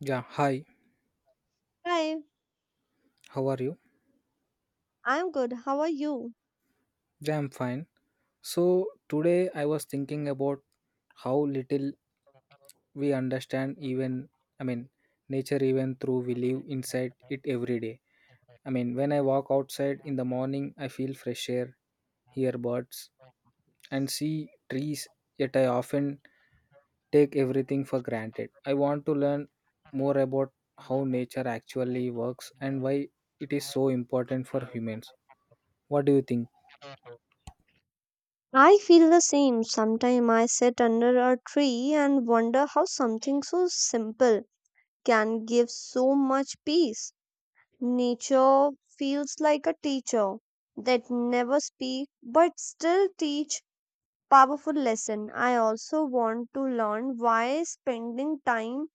Yeah, hi, Hi, how are you? I'm good. How are you? Yeah, I'm fine. So, today I was thinking about how little we understand, even, I mean, nature, even through we live inside it every day. I mean, when I walk outside in the morning, I feel fresh air, hear birds, and see trees, yet I often take everything for granted. I want to learn more about how nature actually works and why it is so important for humans. What do you think? I feel the same. Sometimes I sit under a tree and wonder how something so simple can give so much peace. Nature feels like a teacher that never speak but still teach powerful lesson. I also want to learn why spending time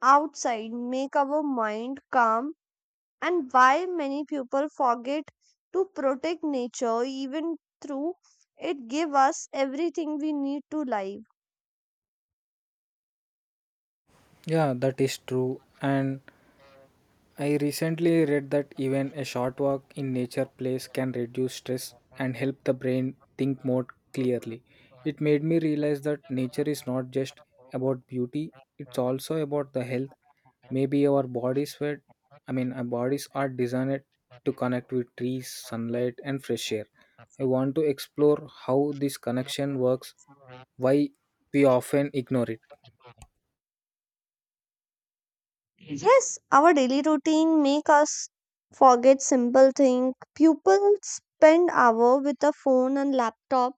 outside make our mind calm and why many people forget to protect nature even through it give us everything we need to live. Yeah, that is true. And I recently read that even a short walk in nature place can reduce stress and help the brain think more clearly. It made me realize that nature is not just about beauty, it's also about the health. Maybe our bodies were I mean our bodies are designed to connect with trees, sunlight and fresh air. I want to explore how this connection works, why we often ignore it. Yes, our daily routine make us forget simple thing. People spend hour with a phone and laptop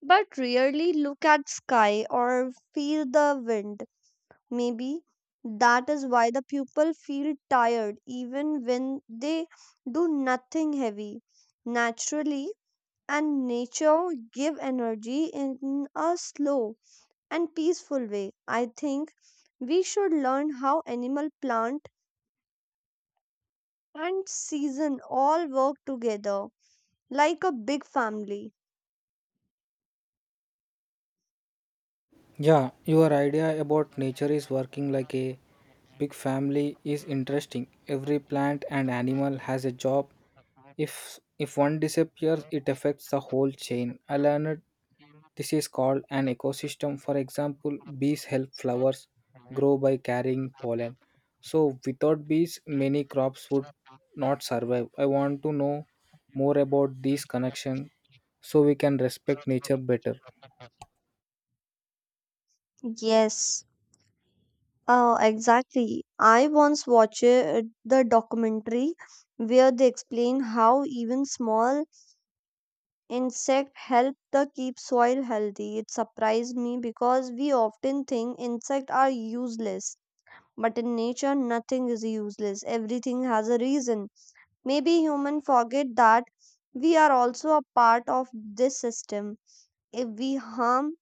but rarely look at sky or feel the wind. Maybe that is why the people feel tired even when they do nothing heavy naturally, and nature give energy in a slow and peaceful way. I think we should learn how animal, plant, and season all work together like a big family. Yeah, your idea about nature is working like a big family is interesting. Every plant and animal has a job. If one disappears, it affects the whole chain. I learned this is called an ecosystem. For example, bees help flowers grow by carrying pollen. So without bees, many crops would not survive. I want to know more about these connections so we can respect nature better. Yes, exactly. I once watched the documentary where they explain how even small insect help the keep soil healthy. It surprised me because we often think insects are useless. But in nature, nothing is useless. Everything has a reason. Maybe humans forget that we are also a part of this system. If we harm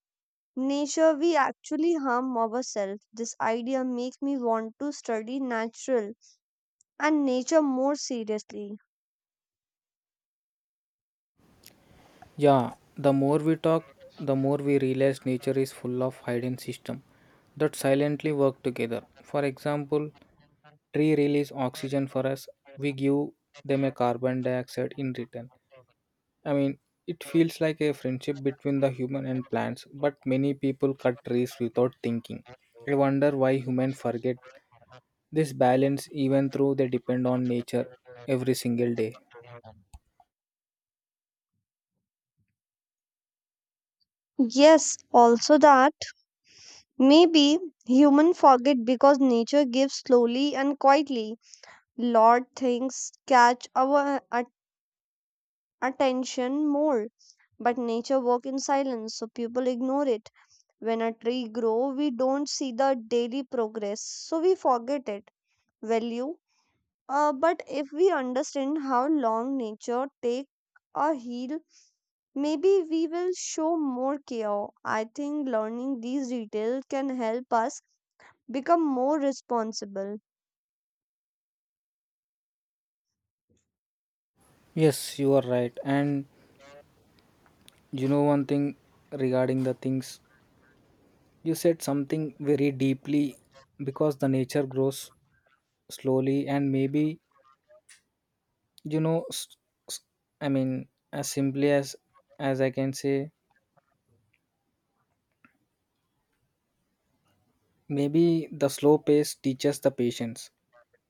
nature, we actually harm ourselves. This idea makes me want to study natural and nature more seriously. Yeah, the more we talk, the more we realize nature is full of hidden systems that silently work together. For example, tree release oxygen for us, we give them a carbon dioxide in return. I mean, it feels like a friendship between the human and plants, but many people cut trees without thinking. I wonder why humans forget this balance even though they depend on nature every single day. Yes, also that maybe human forget because nature gives slowly and quietly. Lot things catch our attention more, but nature work in silence so people ignore it. When a tree grow we don't see the daily progress, so we forget it value. But if we understand how long nature take a heal, maybe we will show more care. I think learning these details can help us become more responsible. Yes, you are right. And you know one thing regarding the things you said something very deeply because the nature grows slowly and maybe you know s- s- I mean as simply as I can say. Maybe the slow pace teaches the patience.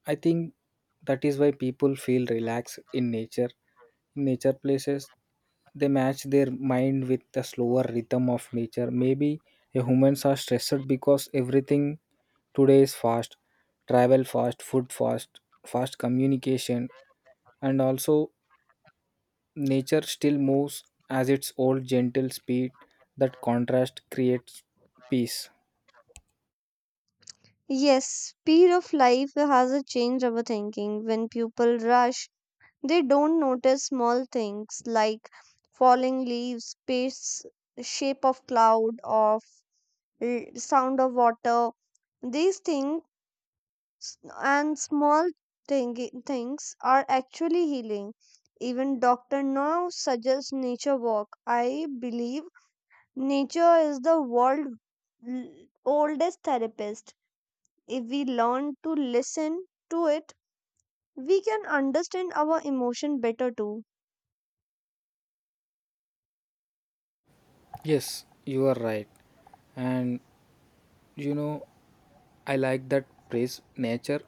I think that is why people feel relaxed in nature. In nature places, they match their mind with the slower rhythm of nature. Maybe humans are stressed because everything today is fast, travel fast, food fast, fast communication, and also nature still moves as its old gentle speed. That contrast creates peace. Yes, speed of life has changed our thinking. When people rush they don't notice small things like falling leaves, space, shape of cloud, sound of water. These things and small things are actually healing. Even doctor now suggests nature walk. I believe nature is the world l- oldest therapist. If we learn to listen to it, we can understand our emotion better too. Yes, you are right. And you know, I like that phrase, nature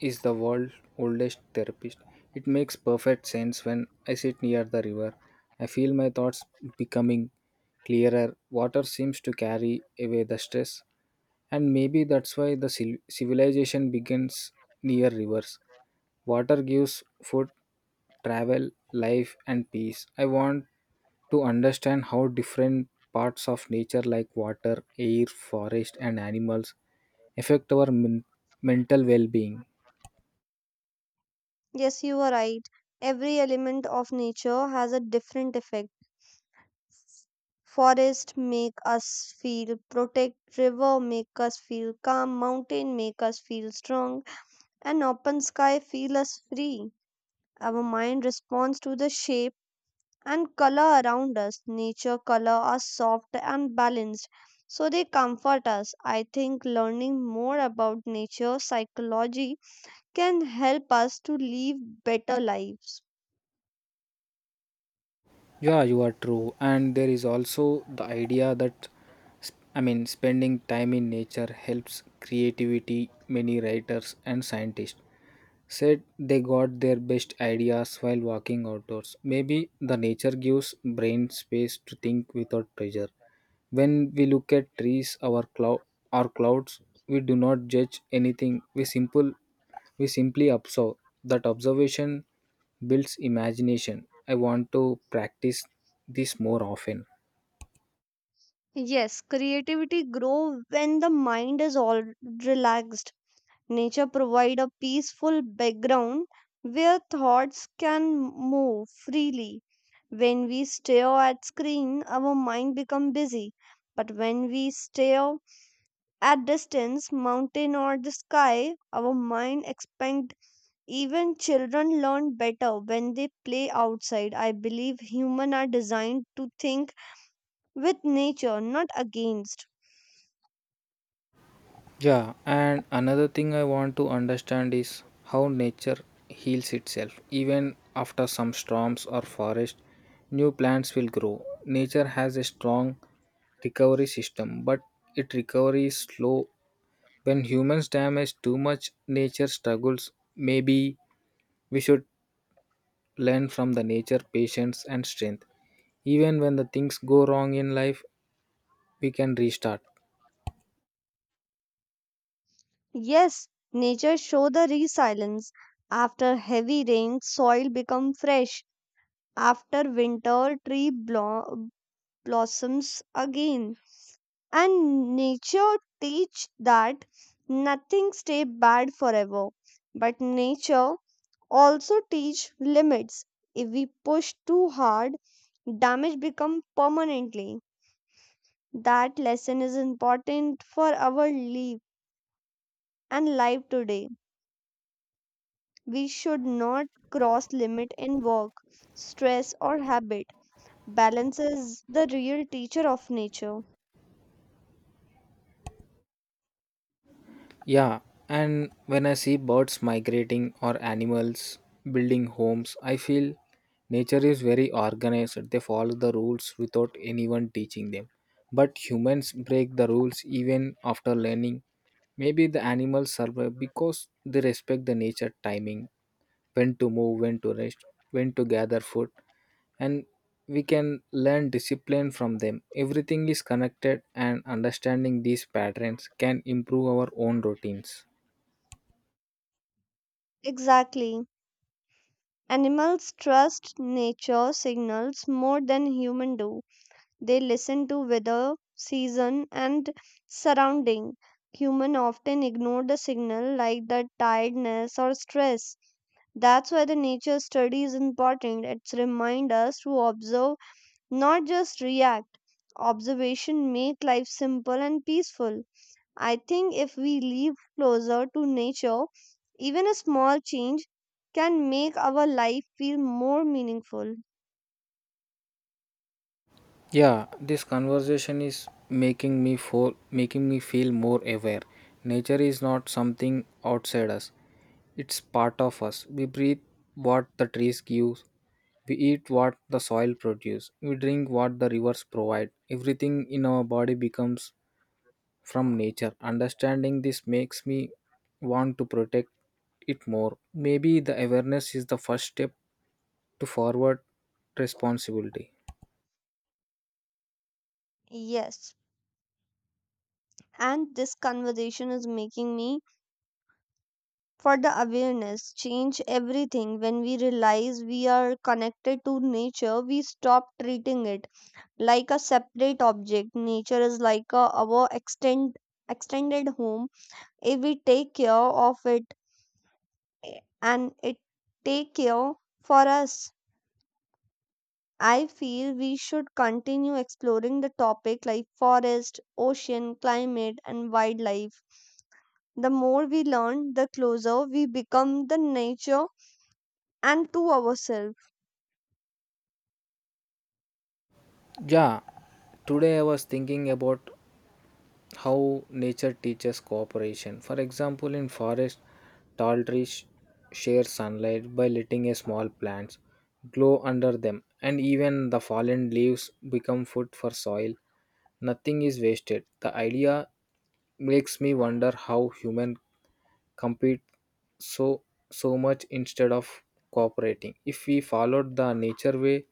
is the world's oldest therapist. It makes perfect sense when I sit near the river. I feel my thoughts becoming clearer. Water seems to carry away the stress, and maybe that's why the civilization begins near rivers. Water gives food, travel, life, and peace. I want to understand how different parts of nature, like water, air, forest, and animals, affect our mental well being. Yes, you are right. Every element of nature has a different effect. Forest make us feel protect, river make us feel calm, mountain make us feel strong, and open sky feel us free. Our mind responds to the shape and color around us. Nature color are soft and balanced, so they comfort us. I think learning more about nature psychology can help us to live better lives. Yeah, you are true. And there is also the idea that, I mean, spending time in nature helps creativity. Many writers and scientists said they got their best ideas while walking outdoors. Maybe the nature gives brain space to think without pressure. When we look at trees, our clouds, we do not judge anything. We simply observe. That observation builds imagination. I want to practice this more often. Yes, creativity grow when the mind is all relaxed. Nature provide a peaceful background where thoughts can move freely. When we stare at screen, our mind become busy. But when we stare at distance, mountain or the sky, our mind expand. Even children learn better when they play outside. I believe human are designed to think with nature, not against. Yeah, and another thing I want to understand is how nature heals itself. Even after some storms or forest, new plants will grow. Nature has a strong recovery system, but it recovery is slow. When humans damage too much, nature struggles. Maybe we should learn from the nature patience and strength. Even when the things go wrong in life, we can restart. Yes, nature show the resilience. After heavy rain, soil become fresh. After winter, tree blossoms again. And nature teach that nothing stay bad forever. But nature also teach limits. If we push too hard, damage become permanently. That lesson is important for our life and life today. We should not cross limit in work, stress or habit. Balance is the real teacher of nature. Yeah, and when I see birds migrating or animals building homes, I feel nature is very organized. They follow the rules without anyone teaching them. But humans break the rules even after learning. Maybe the animals survive because they respect the nature timing, when to move, when to rest, when to gather food, and we can learn discipline from them. Everything is connected, and understanding these patterns can improve our own routines. Exactly. Animals trust nature signals more than humans do. They listen to weather, season and surrounding. Human often ignore the signal like the tiredness or stress. That's why the nature study is important. It's remind us to observe, not just react. Observation make life simple and peaceful. I think if we live closer to nature, even a small change can make our life feel more meaningful. Yeah, this conversation is making me feel more aware. Nature is not something outside us. It's part of us. We breathe what the trees give. We eat what the soil produces. We drink what the rivers provide. Everything in our body becomes from nature. Understanding this makes me want to protect it more. Maybe the awareness is the first step to forward responsibility. Yes, and this conversation is making me for the awareness change everything. When we realize we are connected to nature we stop treating it like a separate object. Nature is like a, our extended home. If we take care of it, and it take care for us. I feel we should continue exploring the topic like forest, ocean, climate, and wildlife. The more we learn, the closer we become the nature and to ourselves. Yeah, today I was thinking about how nature teaches cooperation. For example, in forest, tall trees share sunlight by letting a small plants glow under them, and even the fallen leaves become food for soil. Nothing is wasted. The idea makes me wonder how human compete so so much instead of cooperating. If we followed the nature way,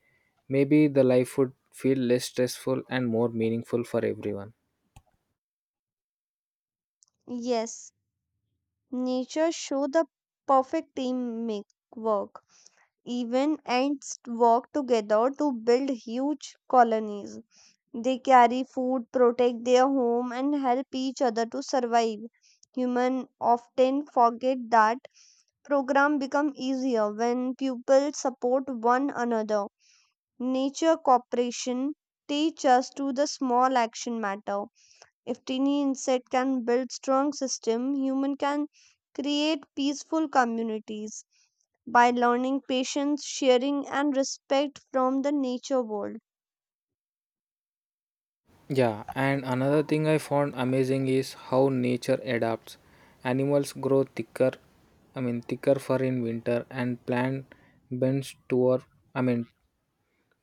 maybe the life would feel less stressful and more meaningful for everyone. Yes, nature show the perfect team make work. Even ants work together to build huge colonies. They carry food, protect their home, and help each other to survive. Humans often forget that program become easier when people support one another. Nature cooperation teach us to the small action matter. If tiny insect can build strong system, human can create peaceful communities by learning patience, sharing, and respect from the nature world. Yeah, and another thing I found amazing is how nature adapts. Animals grow thicker, I mean thicker fur in winter, and plant bends toward, I mean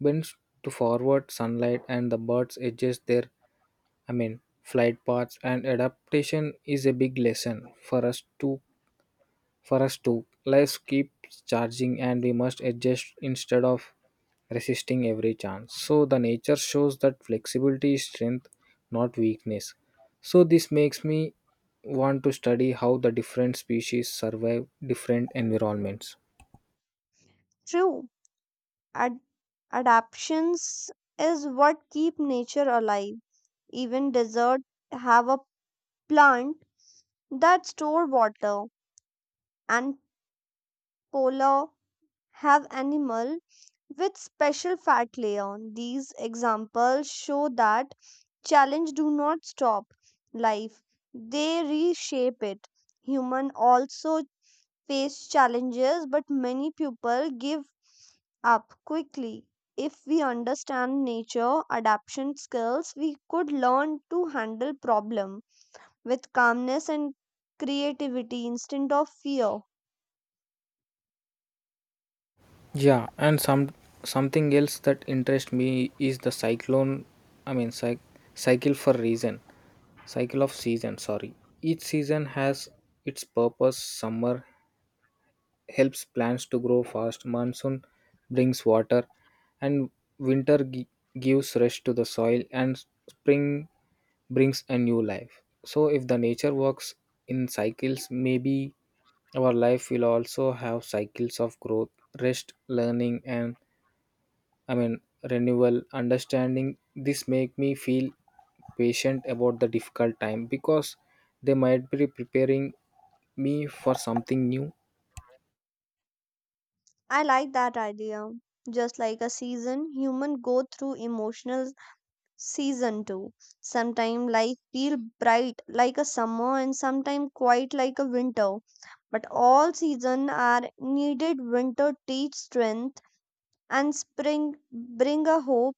bends to forward sunlight, and the birds adjust their, I mean, flight paths, and adaptation is a big lesson for us to life keeps charging, and we must adjust instead of resisting every chance. So the nature shows that flexibility is strength, not weakness. So this makes me want to study how the different species survive different environments. True. Ad- adaptions is what keep nature alive. Even deserts have a plant that store water, and polar have animal with special fat layer. These examples show that challenge do not stop life. They reshape it. Human also face challenges but many people give up quickly. If we understand nature adaptation skills, we could learn to handle problem with calmness and creativity instead of fear. Yeah, and something else that interests me is the cyclone. I mean, cycle for reason, cycle of season. Sorry, each season has its purpose. Summer helps plants to grow fast. Monsoon brings water, and winter gives rest to the soil, and spring brings a new life. So, if the nature works in cycles, maybe our life will also have cycles of growth, rest, learning, and I mean renewal, understanding. This make me feel patient about the difficult time because they might be preparing me for something new. I like that idea. Just like a season, human go through emotional season too. Sometimes life feel bright like a summer and sometimes quiet like a winter. But all season are needed. Winter teach strength and spring bring a hope.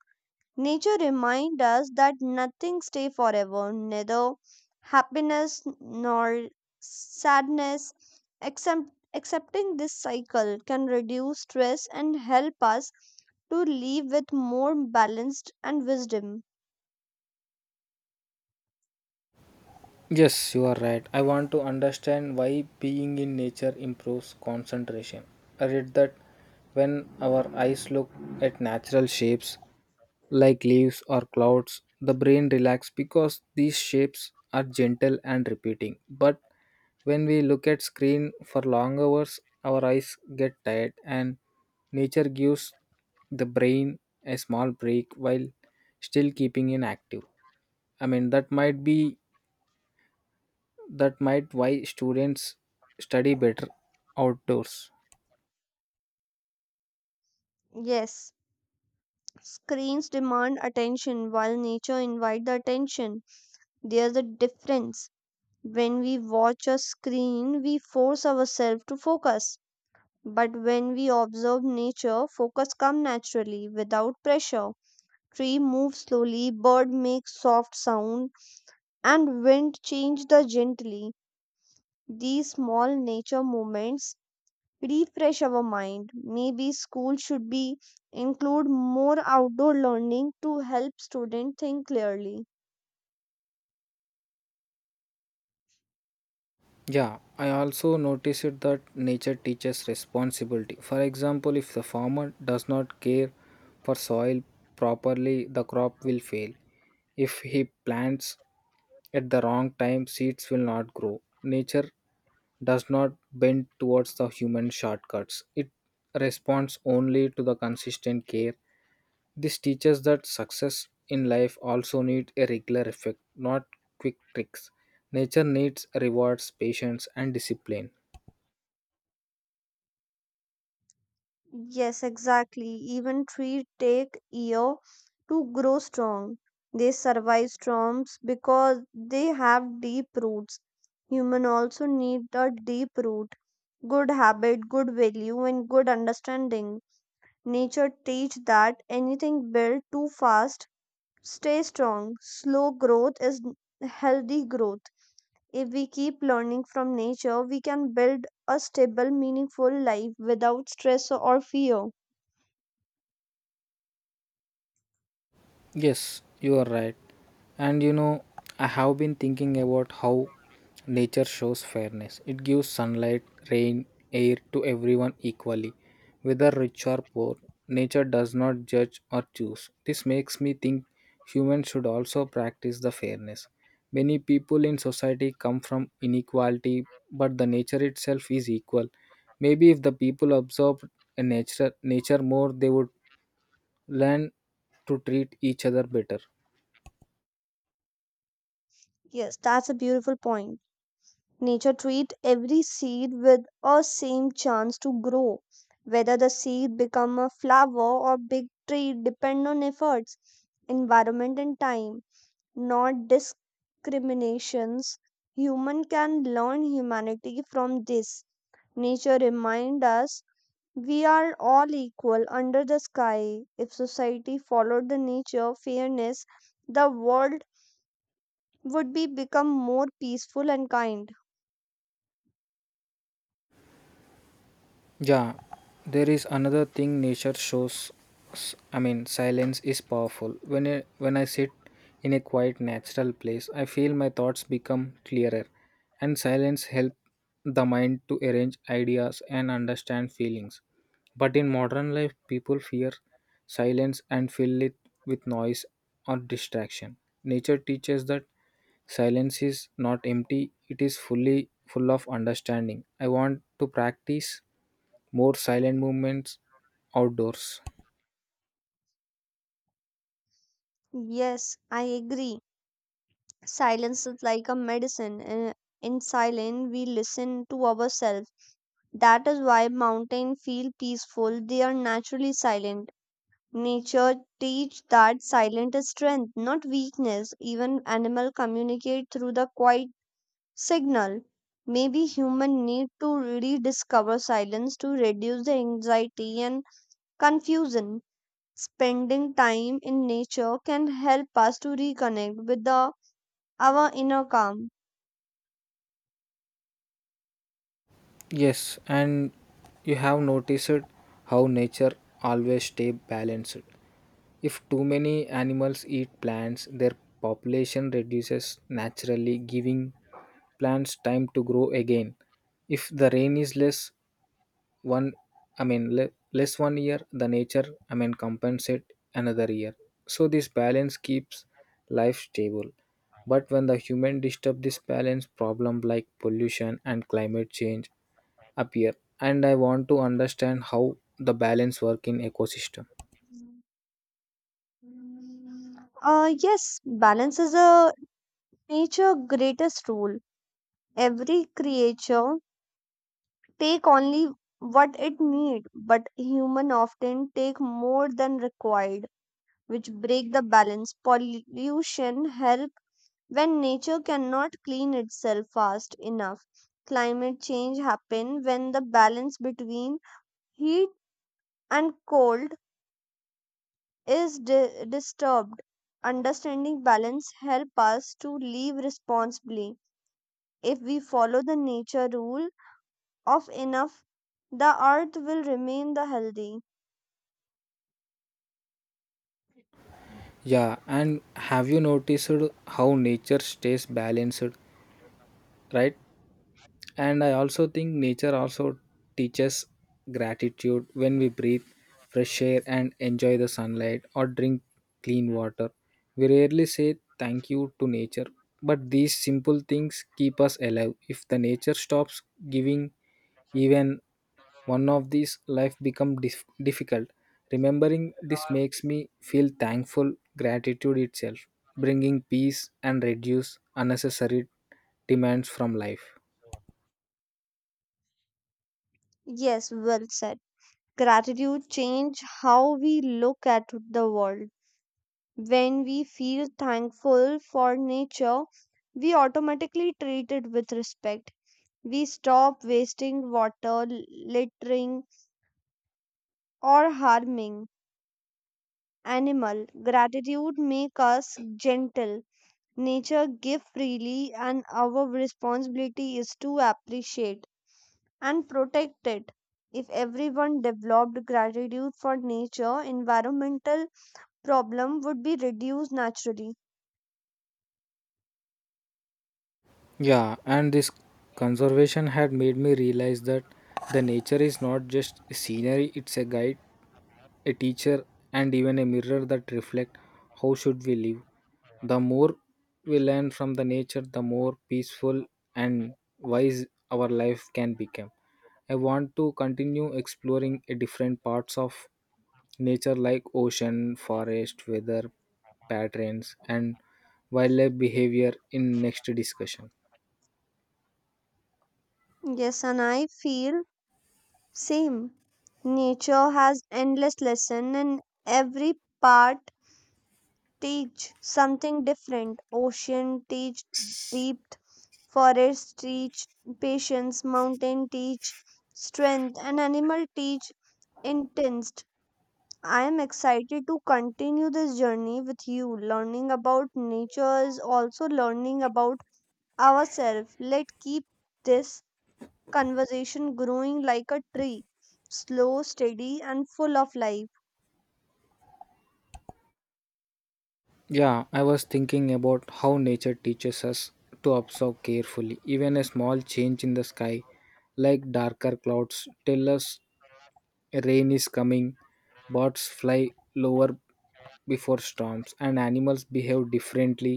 Nature reminds us that nothing stays forever, neither happiness nor sadness. Accepting this cycle can reduce stress and help us to live with more balanced and wisdom. Yes, you are right. I want to understand why being in nature improves concentration. I read that when our eyes look at natural shapes like leaves or clouds, the brain relaxes because these shapes are gentle and repeating. But when we look at screen for long hours, our eyes get tired, and nature gives the brain a small break while still keeping it active. I mean, that might why students study better outdoors. Yes, screens demand attention while nature invites the attention. There's a difference. When we watch a screen, we force ourselves to focus. But when we observe nature, focus come naturally without pressure. Tree moves slowly, bird makes soft sound, and wind change the gently. These small nature movements refresh our mind. Maybe school should be include more outdoor learning to help students think clearly. Yeah, I also noticed that nature teaches responsibility. For example, if the farmer does not care for soil properly, the crop will fail. If he plants at the wrong time, seeds will not grow. Nature does not bend towards the human shortcuts. It responds only to the consistent care. This teaches that success in life also needs a regular effect, not quick tricks. Nature needs rewards, patience, and discipline. Yes, exactly. Even trees take year to grow strong. They survive storms because they have deep roots. Human also need a deep root, good habit, good value, and good understanding. Nature teach that anything built too fast stay strong. Slow growth is healthy growth. If we keep learning from nature, we can build a stable, meaningful life without stress or fear. Yes, you are right. And I have been thinking about how nature shows fairness. It gives sunlight, rain, air to everyone equally, whether rich or poor. Nature does not judge or choose. This makes me think humans should also practice the fairness. Many people in society come from inequality, but the nature itself is equal. Maybe if the people observed a nature more, they would learn to treat each other better. Yes, that's a beautiful point. Nature treat every seed with a same chance to grow. Whether the seed become a flower or big tree depend on efforts, environment and time, not discriminations. Human can learn humanity from this. Nature remind us we are all equal under the sky. If society followed the nature fairness, the world would be become more peaceful and kind. Yeah, there is another thing nature shows. I mean, silence is powerful. When I sit in a quiet, natural place, I feel my thoughts become clearer, and silence help the mind to arrange ideas and understand feelings. But in modern life, people fear silence and fill it with noise or distraction. Nature teaches that silence is not empty; it is fully full of understanding. I want to practice more silent movements outdoors. Yes, I agree. Silence is like a medicine. In silence, we listen to ourselves. That is why mountains feel peaceful. They are naturally silent. Nature teach that silence is strength, not weakness. Even animal communicate through the quiet signal. Maybe human need to rediscover silence to reduce the anxiety and confusion. Spending time in nature can help us to reconnect with the our inner calm. Yes, and you have noticed how nature always stay balanced. If too many animals eat plants, their population reduces naturally, giving plants time to grow again. If the rain is less one I mean less one year, the nature, I mean, compensate another year. So this balance keeps life stable, but when the human disturb this balance, problem like pollution and climate change appear. And I want to understand how the balance work in ecosystem. Yes, balance is a nature greatest rule. Every creature take only what it need, but human often take more than required, which break the balance. Pollution help when nature cannot clean itself fast enough. Climate change happen when the balance between heat and cold is disturbed. Understanding balance help us to live responsibly. If we follow the nature rule of enough, the earth will remain the healthy. Yeah, and have you noticed how nature stays balanced, right? And I also think nature also teaches gratitude when we breathe fresh air and enjoy the sunlight or drink clean water. We rarely say thank you to nature, but these simple things keep us alive. If the nature stops giving even one of these, life become difficult. Remembering this makes me feel thankful, gratitude itself, bringing peace and reduce unnecessary demands from life. Yes, well said. Gratitude change how we look at the world. When we feel thankful for nature, we automatically treat it with respect. We stop wasting water, littering, or harming animal. Gratitude make us gentle. Nature give freely, and our responsibility is to appreciate and protect it. If everyone developed gratitude for nature, environmental problem would be reduced naturally. Yeah, and this conservation had made me realize that the nature is not just scenery, it's a guide, a teacher, and even a mirror that reflect how should we live. The more we learn from the nature, the more peaceful and wise our life can become. I want to continue exploring a different parts of nature like ocean, forest, weather patterns and wildlife behavior in next discussion. Yes, and I feel same. Nature has endless lesson, and every part teach something different. Ocean teach deep. Forests teach patience, mountain teach strength, and animal teach intense. I am excited to continue this journey with you, learning about nature is also learning about ourselves. Let's keep this conversation growing like a tree, slow, steady, and full of life. Yeah, I was thinking about how nature teaches us to observe carefully. Even a small change in the sky, like darker clouds, tell us rain is coming, birds fly lower before storms, and animals behave differently.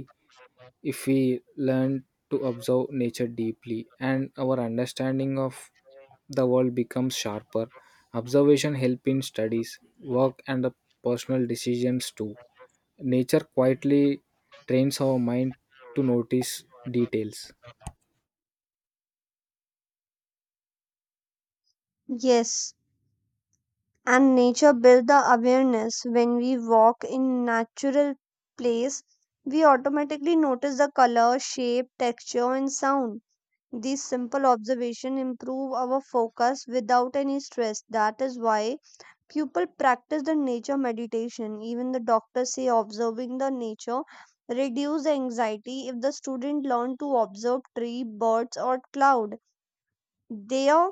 If we learn to observe nature deeply, and our understanding of the world becomes sharper. Observation help in studies, work and the personal decisions too. Nature quietly trains our mind to notice details. Yes. And nature build the awareness. When we walk in natural place we automatically notice the color shape texture and sound. These simple observation improve our focus without any stress. That is why people practice the nature meditation. Even the doctors say observing the nature reduce the anxiety. If the student learn to observe tree birds or cloud, their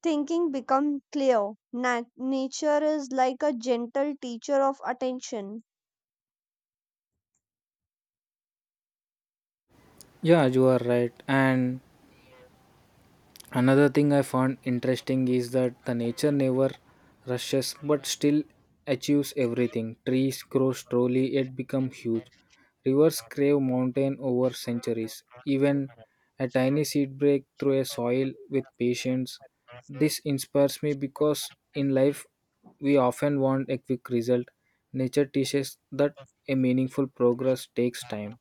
thinking become clear. Nature is like a gentle teacher of attention. Yeah, you are right, and another thing I found interesting is that the nature never rushes but still achieves everything. Trees grow slowly yet become huge. Rivers crave mountain over centuries. Even a tiny seed break through a soil with patience. This inspires me because in life we often want a quick result. Nature teaches that a meaningful progress takes time.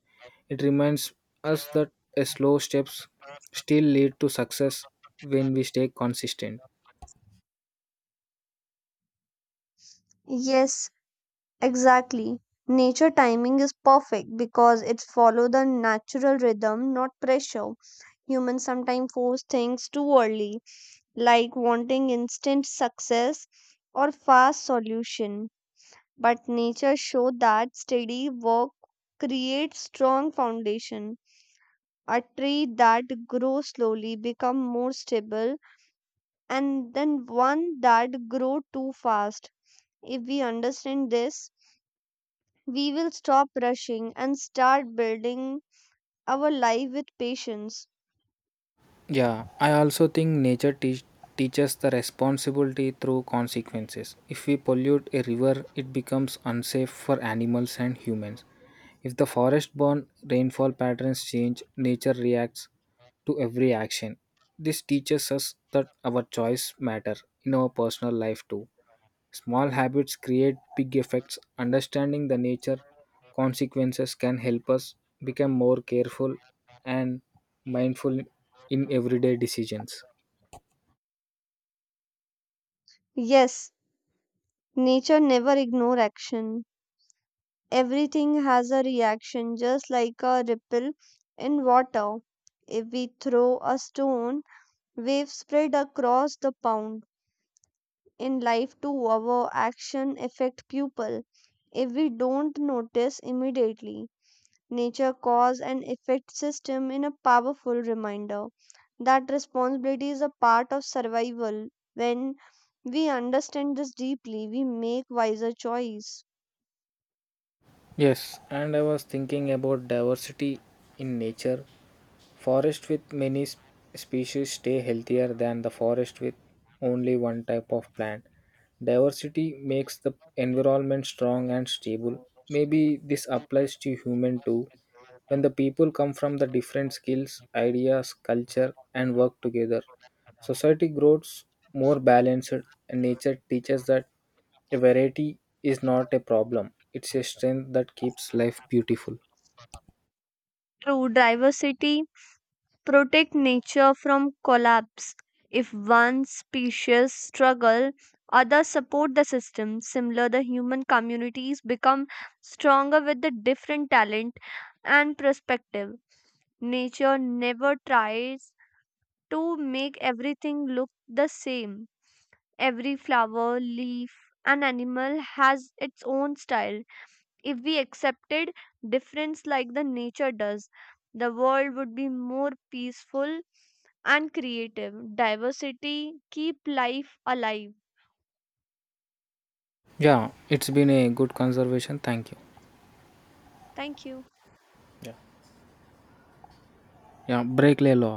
It reminds us that a slow steps still lead to success when we stay consistent. Yes, exactly. Nature timing is perfect because it follow the natural rhythm, not pressure. Humans sometimes force things too early, like wanting instant success or fast solution. But nature show that steady work creates strong foundation. A tree that grows slowly become more stable and then one that grow too fast. If we understand this, we will stop rushing and start building our life with patience. Yeah, I also think nature teaches the responsibility through consequences. If we pollute a river, it becomes unsafe for animals and humans. If the forest born rainfall patterns change, nature reacts to every action. This teaches us that our choice matter in our personal life too. Small habits create big effects. Understanding the nature consequences can help us become more careful and mindful in everyday decisions. Yes, nature never ignore action. Everything has a reaction just like a ripple in water. If we throw a stone, waves spread across the pond. In life too, our action affect people if we don't notice immediately. Nature cause and effect system in a powerful reminder that responsibility is a part of survival. When we understand this deeply, we make wiser choice. Yes, and I was thinking about diversity in nature. Forests with many species stay healthier than the forest with only one type of plant. Diversity makes the environment strong and stable. Maybe this applies to human too. When the people come from the different skills, ideas, culture and work together, society grows more balanced, and nature teaches that a variety is not a problem. It's a strength that keeps life beautiful. True diversity protect nature from collapse. If one species struggle, others support the system. Similar, the human communities become stronger with the different talent and perspective. Nature never tries to make everything look the same. Every flower, leaf, and animal has its own style. If we accepted difference like the nature does, the world would be more peaceful and creative. Diversity keep life alive. Yeah, it's been a good conservation. Thank you. Thank you. Ya, break ले लो